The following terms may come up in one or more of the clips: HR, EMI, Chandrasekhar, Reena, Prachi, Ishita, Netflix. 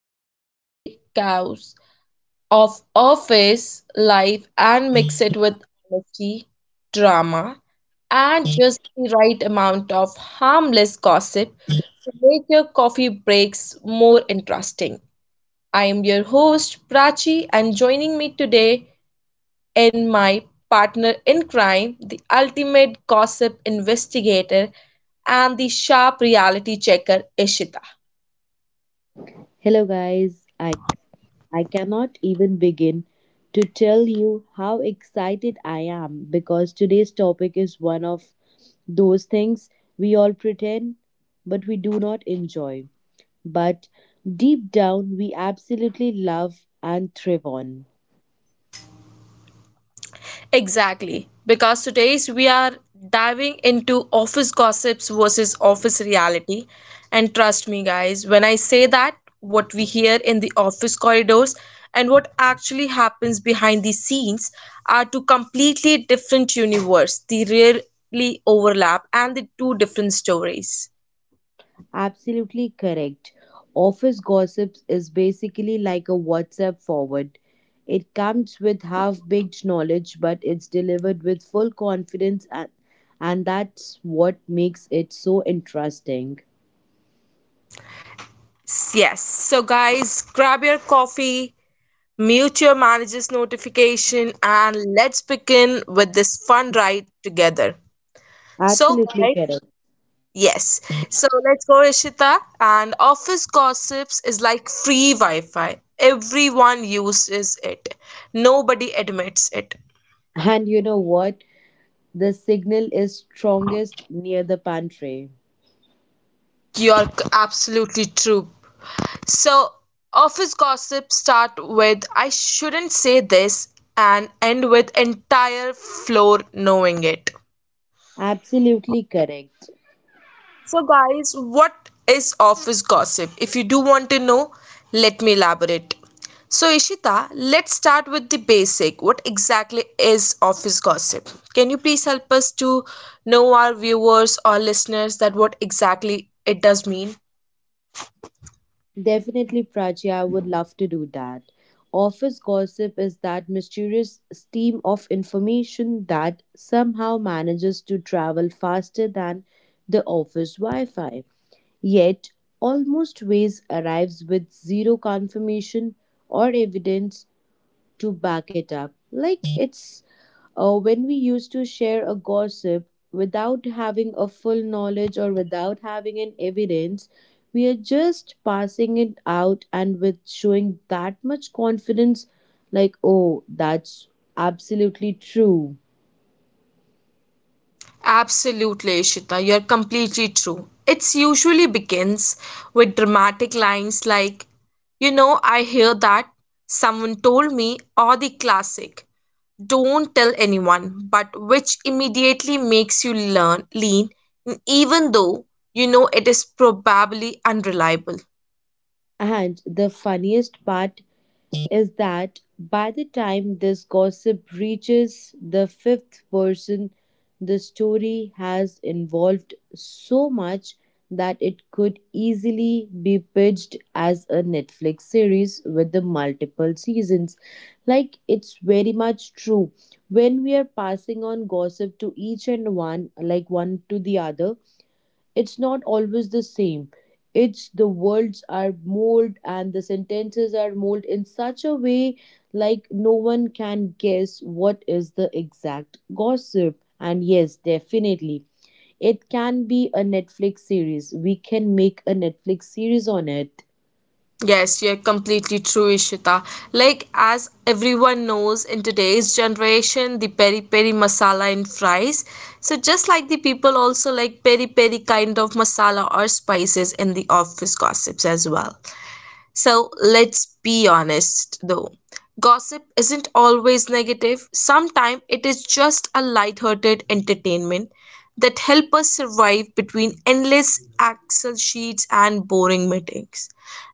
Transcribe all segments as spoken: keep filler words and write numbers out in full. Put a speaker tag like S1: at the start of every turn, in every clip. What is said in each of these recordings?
S1: everyday chaos of office life and mix it with honesty, drama, and just the right amount of harmless gossip to make your coffee breaks more interesting. I am your host, Prachi, and joining me today in my partner in crime, the ultimate gossip investigator, and the sharp reality checker, Ishita.
S2: Hello, guys. I, I cannot even begin to tell you how excited I am because today's topic is one of those things we all pretend but we do not enjoy, but deep down we absolutely love and thrive on.
S1: Exactly, because today's we are diving into office gossips versus office reality. And trust me, guys, when I say that, what we hear in the office corridors and what actually happens behind the scenes are two completely different universes. They rarely overlap and the two different stories.
S2: Absolutely correct. Office gossips is basically like a WhatsApp forward. It comes with half baked knowledge, but it's delivered with full confidence, and, and that's what makes it so interesting.
S1: Yes. So, guys, grab your coffee, mute your manager's notification, and let's begin with this fun ride together. So,
S2: Absolutely
S1: guys,
S2: correct.
S1: yes. So, let's go, Ishita. And office gossips is like free Wi Fi, everyone uses it, nobody admits it.
S2: And you know what? The signal is strongest near the pantry.
S1: You're c- absolutely true. So, office gossip start with I shouldn't say this and end with entire floor knowing it.
S2: Absolutely correct.
S1: So, guys, what is office gossip? If you do want to know, let me elaborate. So, Ishita, let's start with the basic. What exactly is office gossip? Can you please help us to know our viewers or listeners that what exactly it does mean?
S2: Definitely, Prachi, I would love to do that. Office gossip is that mysterious stream of information that somehow manages to travel faster than the office Wi Fi. Yet, almost always arrives with zero confirmation or evidence to back it up. Like it's uh, when we used to share a gossip without having a full knowledge or without having an evidence, we are just passing it out and with showing that much confidence, like, oh, that's absolutely true.
S1: Absolutely, Ishita, you're completely true. It's usually begins with dramatic lines like, you know, I hear that, someone told me, or the classic, don't tell anyone, but which immediately makes you learn lean, even though you know it is probably unreliable.
S2: And the funniest part is that by the time this gossip reaches the fifth person, the story has involved so much that it could easily be pitched as a Netflix series with the multiple seasons. Like it's very much true. When we are passing on gossip to each and one, like one to the other, it's not always the same. It's the words are molded and the sentences are molded in such a way, like no one can guess what is the exact gossip. And yes, definitely it can be a Netflix series. We can make a Netflix series on it,
S1: Yes, you're completely true, Ishita. Like, as everyone knows in today's generation, the peri peri masala in fries. So, just like the people also like peri peri kind of masala or spices in the office gossips as well. So, let's be honest though. Gossip isn't always negative. Sometimes it is just a light-hearted entertainment that help us survive between endless Excel sheets and boring meetings,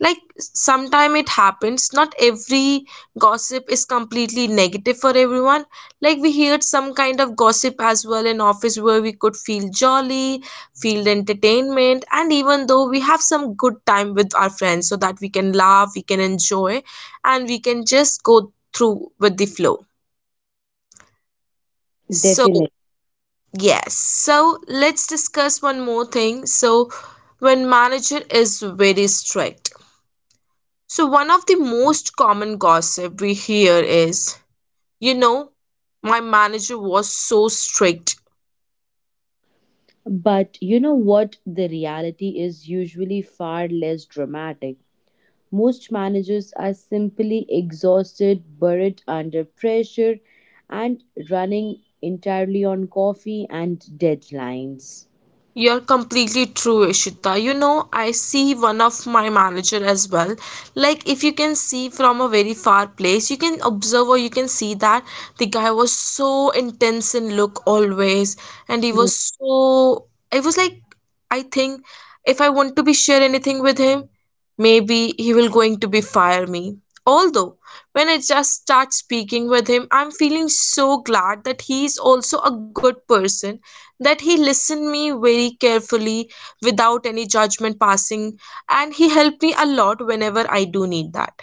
S1: like sometime it happens. Not every gossip is completely negative for everyone. Like, we heard some kind of gossip as well in office where we could feel jolly, feel entertainment, and even though we have some good time with our friends so that we can laugh, we can enjoy, and we can just go through with the flow. So,
S2: definitely.
S1: yes, so let's discuss one more thing. So, when manager is very strict, so, one of the most common gossip we hear is, you know, my manager was so strict.
S2: But you know what, the reality is usually far less dramatic. Most managers are simply exhausted, buried under pressure, and running entirely on coffee and deadlines.
S1: You're completely true, Ishita. You know, I see one of my manager as well. Like, if you can see from a very far place, you can observe or you can see that the guy was so intense in look always, and he was so. I was like, I think if I want to be share anything with him, maybe he will going to be fire me. Although when I just start speaking with him, I'm feeling so glad that he is also a good person, that he listened me very carefully without any judgment passing, and he helped me a lot whenever I do need that.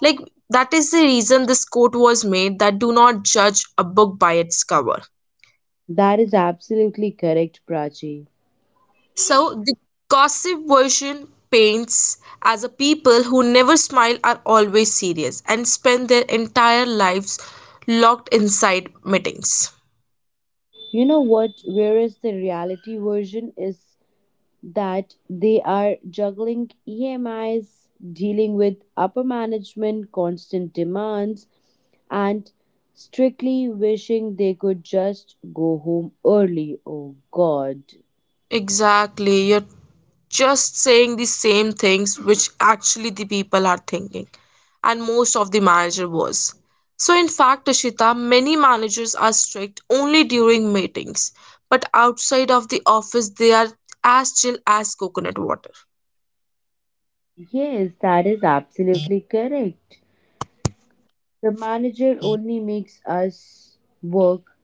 S1: Like, that is the reason this quote was made that do not judge a book by its cover.
S2: That is absolutely correct, Prachi.
S1: So the gossip version paints as a people who never smile are always serious and spend their entire lives locked inside meetings.
S2: You know what? Whereas the reality version is that they are juggling E M Is, dealing with upper management, constant demands, and strictly wishing they could just go home early. Oh, God.
S1: Exactly, you're just saying the same things which actually the people are thinking, and most of the manager was. So in fact, Ashita, many managers are strict only during meetings, but outside of the office they are as chill as coconut water.
S2: Yes, that is absolutely correct. The manager only makes us work,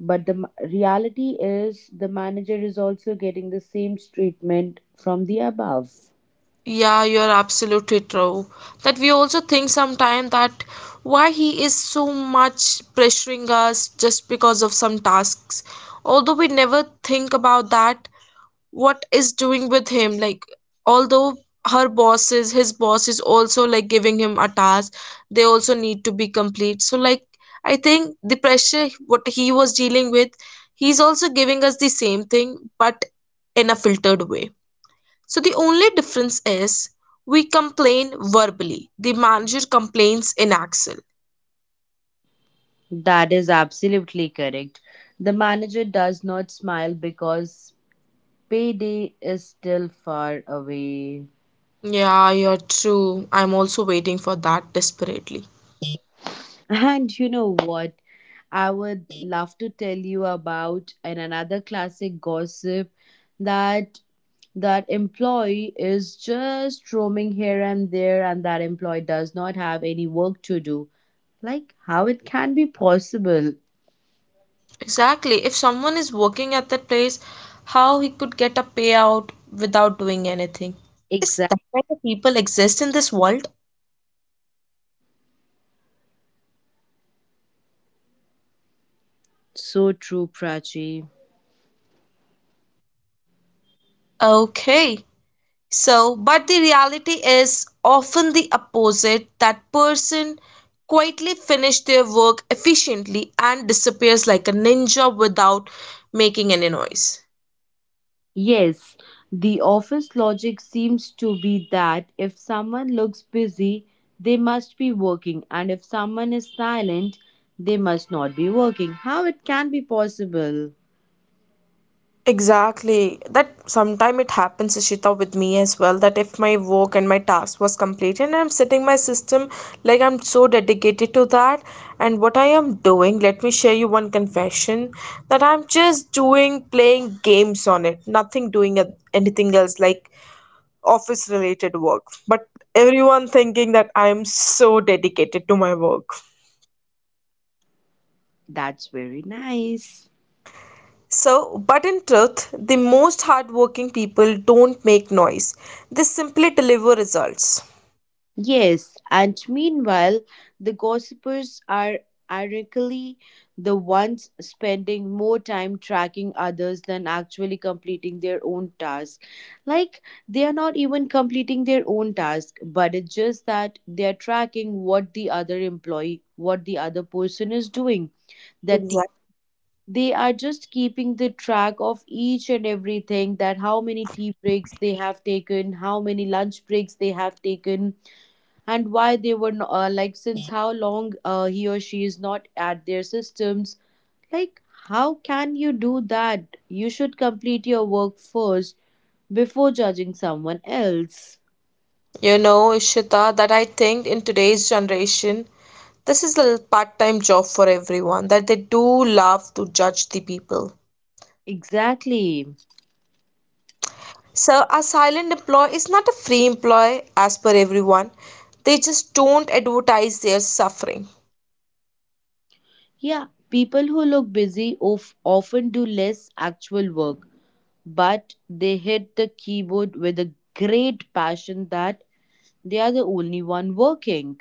S2: but the ma- reality is the manager is also getting the same treatment from the above.
S1: Yeah, you're absolutely true. That we also think sometimes that why he is so much pressuring us just because of some tasks. Although we never think about that, what is doing with him? Like, although her boss is, his boss is also like giving him a task, they also need to be complete. So, like, I think the pressure what he was dealing with, he's also giving us the same thing, but in a filtered way. So the only difference is we complain verbally. The manager complains in Excel.
S2: That is absolutely correct. The manager does not smile because payday is still far away.
S1: Yeah, you're true. I'm also waiting for that desperately.
S2: And you know what? I would love to tell you about an another classic gossip, that that employee is just roaming here and there and that employee does not have any work to do. Like how it can be possible.
S1: Exactly. If someone is working at that place, how he could get a payout without doing anything? Is
S2: Exact
S1: that kind of people exist in this world?
S2: so true, Prachi.
S1: Okay. So, but the reality is often the opposite. That person quietly finish their work efficiently and disappears like a ninja without making any noise.
S2: Yes, the office logic seems to be that if someone looks busy, they must be working, and if someone is silent, they must not be working. How it can be possible?
S1: Exactly. That sometime it happens, Ishita, with me as well. That if my work and my task was completed and I'm setting my system like I'm so dedicated to that and what I am doing, let me share you one confession that I'm just doing playing games on it, nothing doing a- anything else like office related work, but everyone thinking that I am so dedicated to my work.
S2: That's very nice.
S1: So but in truth the most hardworking people don't make noise, they simply deliver results.
S2: Yes, and meanwhile, the gossipers are ironically the ones spending more time tracking others than actually completing their own task. Like, they are not even completing their own task, but it's just that they are tracking what the other employee, what the other person is doing. That the-
S1: Exactly.
S2: they are just keeping the track of each and everything, that how many tea breaks they have taken, how many lunch breaks they have taken, and why they were no- uh, like, since how long uh, he or she is not at their systems. Like, how can you do that? You should complete your work first before judging someone else.
S1: You know, Ishita, that I think in today's generation this is a part-time job for everyone, that they do love to judge the people.
S2: Exactly.
S1: So, a silent employee is not a free employee as per everyone. They just don't advertise their suffering.
S2: Yeah, people who look busy of, often do less actual work, but they hit the keyboard with a great passion, that they are the only one working.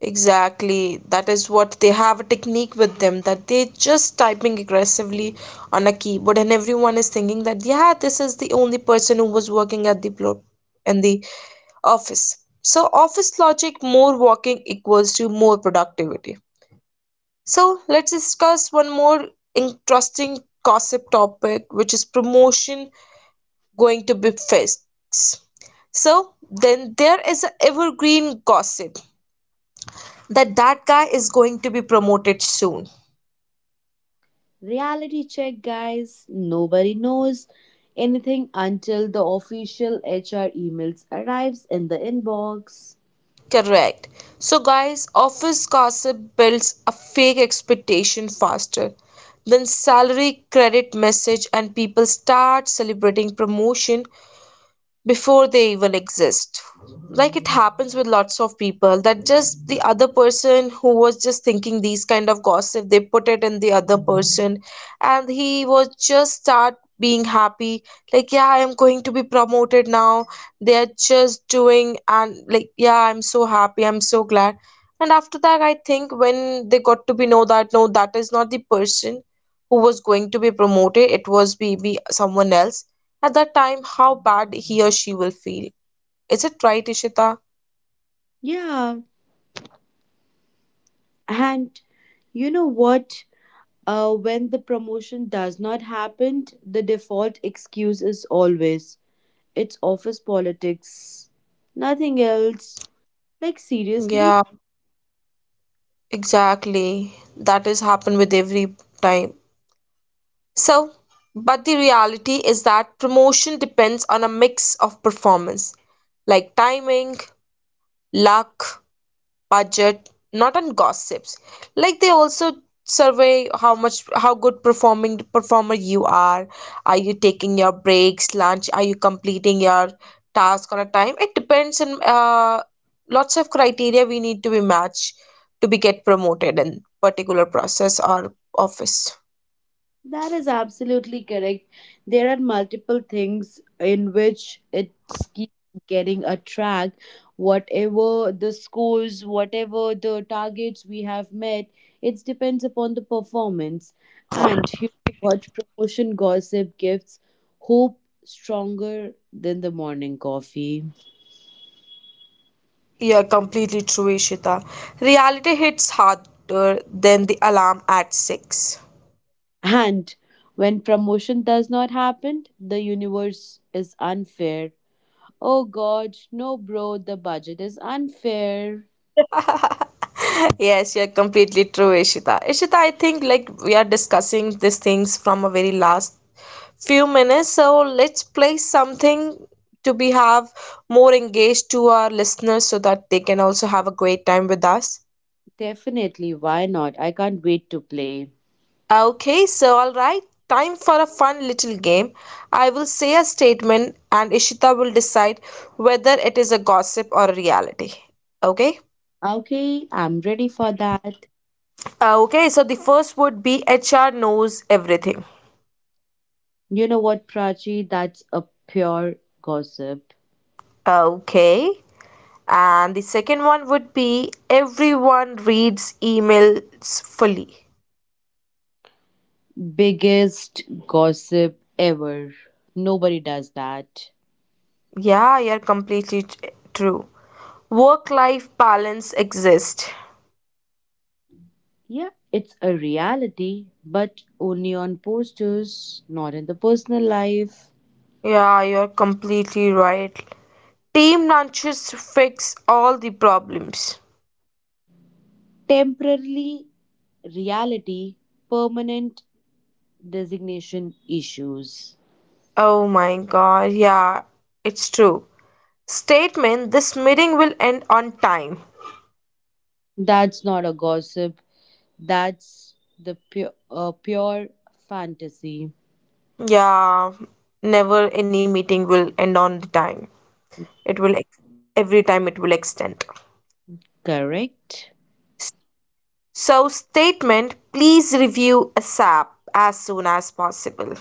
S1: Exactly. That is what they have a technique with them, that they just typing aggressively on a keyboard and everyone is thinking that yeah, this is the only person who was working at the plo- in the office. So office logic more working equals to more productivity. So let's discuss one more interesting gossip topic which is promotion going to be fixed. So then there is an evergreen gossip that that guy is going to be promoted soon.
S2: Reality check, guys. Nobody knows anything until the official H R emails arrives in the inbox.
S1: Correct. So, guys, office gossip builds a fake expectation faster than salary credit message, and people start celebrating promotion before they even exist. Like, it happens with lots of people that just the other person who was just thinking these kind of gossip they put it in the other person and he was just start being happy like yeah, I am going to be promoted now. They are just doing and like yeah, I'm so happy, I'm so glad. And after that I think when they got to be know that no, that is not the person who was going to be promoted, it was maybe someone else. At that time how bad he or she will feel, is it right, Ishita?
S2: Yeah, and you know what? Uh, when the promotion does not happen, the default excuse is always it's office politics, nothing else. Like
S1: Yeah,
S2: seriously.
S1: exactly. That has happened with every time. So, but the reality is that promotion depends on a mix of performance, like timing, luck, budget, not on gossips. Like they also survey how much how good performing performer you are. Are you taking your breaks, lunch? Are you completing your task on a time? It depends on uh, lots of criteria we need to be matched to be get promoted in particular process or office.
S2: That is absolutely correct. There are multiple things in which it's keep getting a track. Whatever the scores, whatever the targets we have met, it depends upon the performance. And you know what, promotion gossip gives hope stronger than the morning coffee.
S1: Yeah, completely true, Ishita. Reality hits harder than the alarm at six.
S2: And when promotion does not happen, the universe is unfair. Oh God, no, bro, the budget is unfair.
S1: Yes, you're completely true, Ishita. Ishita, I think like we are discussing these things from a very last few minutes, so let's play something to be have more engaged to our listeners so that they can also have a great time with us.
S2: Definitely, why not? I can't wait to play.
S1: Okay, so all right, time for a fun little game. I will say a statement and Ishita will decide whether it is a gossip or a reality. Okay?
S2: Okay, I'm ready for that.
S1: Okay, so the first would be H R knows everything.
S2: You know what, Prachi? That's a pure gossip.
S1: Okay. And the second one would be everyone reads emails fully.
S2: Biggest gossip ever. Nobody does that.
S1: Yeah, you're completely t- true. Work life balance exists.
S2: Yeah, it's a reality, but only on posters, not in the personal life.
S1: Yeah, you're completely right. Team lunches fix all the problems.
S2: Temporarily reality, permanent designation issues.
S1: Oh my god, yeah, it's true. Statement this meeting will end on time.
S2: That's not a gossip. That's the pure, uh, pure fantasy,
S1: Yeah, never any meeting will end on the time. It will, ex- every time it will extend.
S2: correct?
S1: So statement, please review ASAP as soon as possible.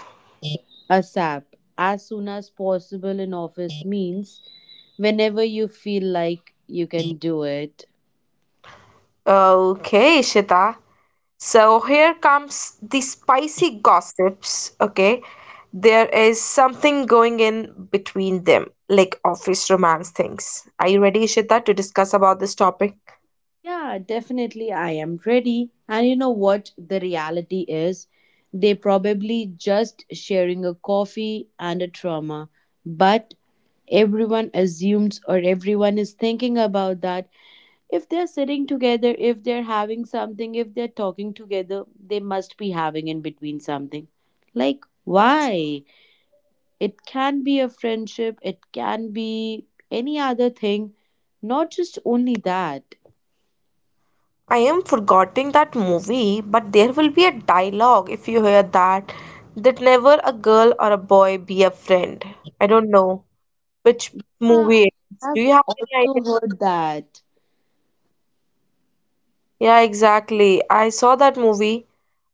S2: ASAP, as soon as possible in office means whenever you feel like you can do it.
S1: Okay, Shita. So here comes the spicy gossips. Okay, there is something going in between them, like office romance things. Are you ready, Shita, to discuss about this topic?
S2: Yeah, definitely, I am ready. And you know what the reality is? They probably just sharing a coffee and a trauma, but everyone assumes or everyone is thinking about that, if they're sitting together, if they're having something, if they're talking together, they must be having in between something. Like, why? It can be a friendship, it can be any other thing, not just only that.
S1: I am forgetting that movie, but there will be a dialogue if you hear that that never a girl or a boy be a friend. I don't know. Which
S2: Uh,
S1: movie it is? Do
S2: I've
S1: you have
S2: also
S1: any idea?
S2: heard that.
S1: Yeah, exactly. I saw that movie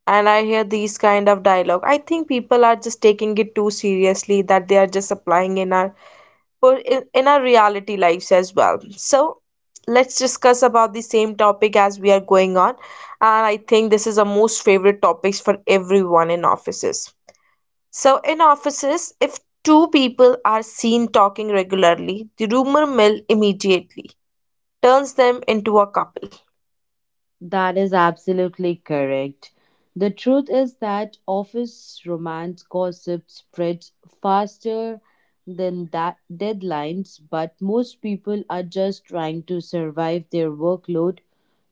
S1: and I hear these kind of dialogue. I think people are just taking it too seriously that they are just applying in our per- in, in our reality lives as well. So let's discuss about the same topic as we are going on. And I think this is a most favorite topics for everyone in offices. So in offices, if two people are seen talking regularly, the rumor mill immediately turns them into a couple.
S2: That is absolutely correct. The truth is that office romance gossip spreads faster than that deadlines, but most people are just trying to survive their workload,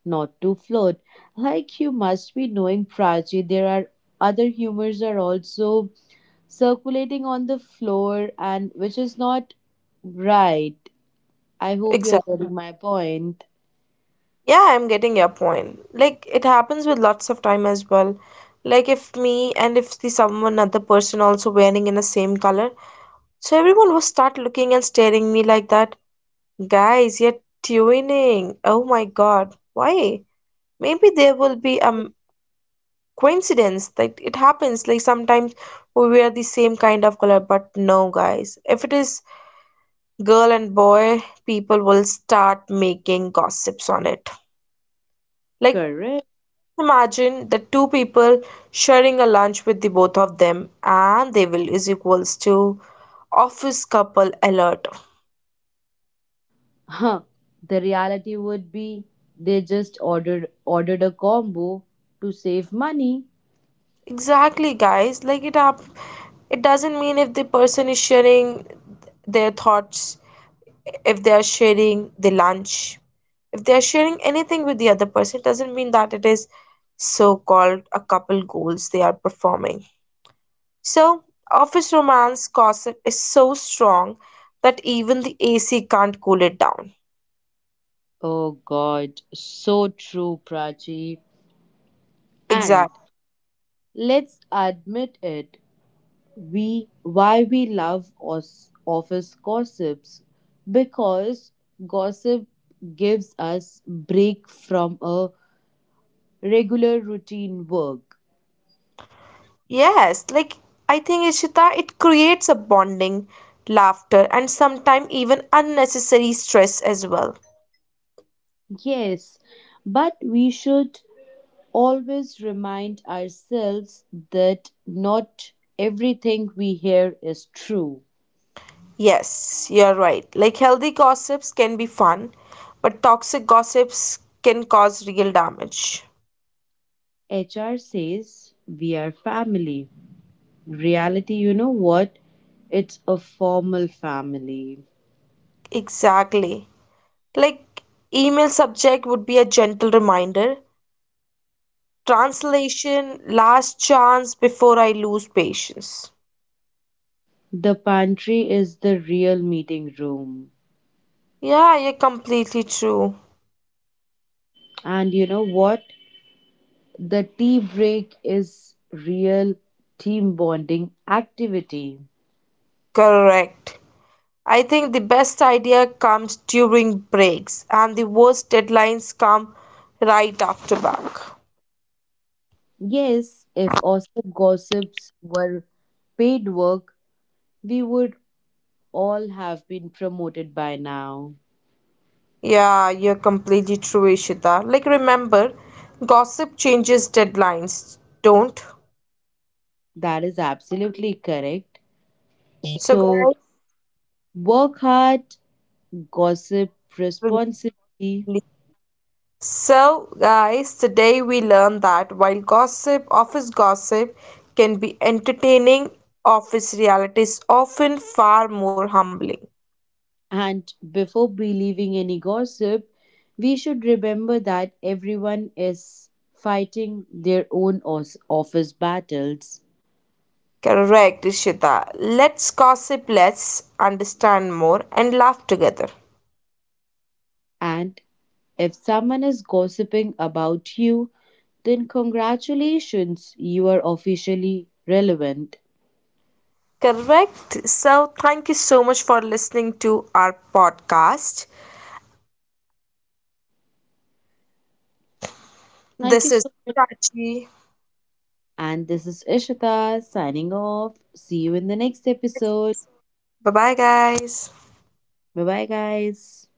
S2: not to float. Like you must be knowing, Prachi, there are other humors are also circulating on the floor, and which is not right. I hope you're
S1: Exactly.
S2: getting my point.
S1: Yeah, I'm getting your point. Like it happens with lots of time as well. Like if me and if the someone other person also wearing in the same color, so everyone will start looking and staring me like that. Guys, you're twinning. Oh my God, why? Maybe there will be a coincidence that it happens. Like sometimes we wear the same kind of color, but no, guys. If it is girl and boy, people will start making gossips on it. Like,
S2: Correct.
S1: just imagine the two people sharing a lunch with the both of them, and they will is equals to office couple alert.
S2: Huh, the reality would be they just ordered ordered a combo to save money.
S1: Exactly, guys. Like it up, it doesn't mean if the person is sharing their thoughts, if they are sharing the lunch, if they are sharing anything with the other person, it doesn't mean that it is so-called a couple goals they are performing. So, office romance gossip is so strong that even the A C can't cool it down.
S2: Oh god, so true, Prachi. And
S1: Exactly.
S2: let's admit it, we why we love os- office gossips, because gossip gives us break from a regular routine work.
S1: Yes, like I think Ishita, it creates a bonding, laughter, and sometimes even unnecessary stress as well.
S2: Yes, but we should always remind ourselves that not everything we hear is true.
S1: Yes, you're right. Like healthy gossips can be fun, but toxic gossips can cause real damage.
S2: H R says we are family. Reality, you know what? It's a formal family.
S1: Exactly. Like email subject would be a gentle reminder, translation last chance before I lose patience.
S2: The pantry is the real meeting room.
S1: Yeah, you're completely true.
S2: And you know what? The tea break is real team bonding activity.
S1: Correct. I think the best idea comes during breaks, and the worst deadlines come right after back.
S2: Yes, if also gossips were paid work, we would all have been promoted by now.
S1: Yeah, you're completely true, Ishita. Like, remember, gossip changes deadlines, don't?
S2: That is absolutely correct.
S1: So,
S2: So
S1: guys,
S2: work hard, gossip responsibly,
S1: so, guys, today we learned that while gossip, office gossip, can be entertaining, office reality is often far more humbling.
S2: and before believing any gossip, we should remember that everyone is fighting their own os- office battles.
S1: Correct, Ishita. Let's gossip let's understand more, and laugh together.
S2: And if someone is gossiping about you, then congratulations, you are officially relevant.
S1: Correct. So, thank you so much for listening to our podcast.
S2: Thank you
S1: This is
S2: so much.
S1: Prachi.
S2: And this is Ishita signing off. See you in the next episode.
S1: Bye bye, guys.
S2: Bye bye, guys.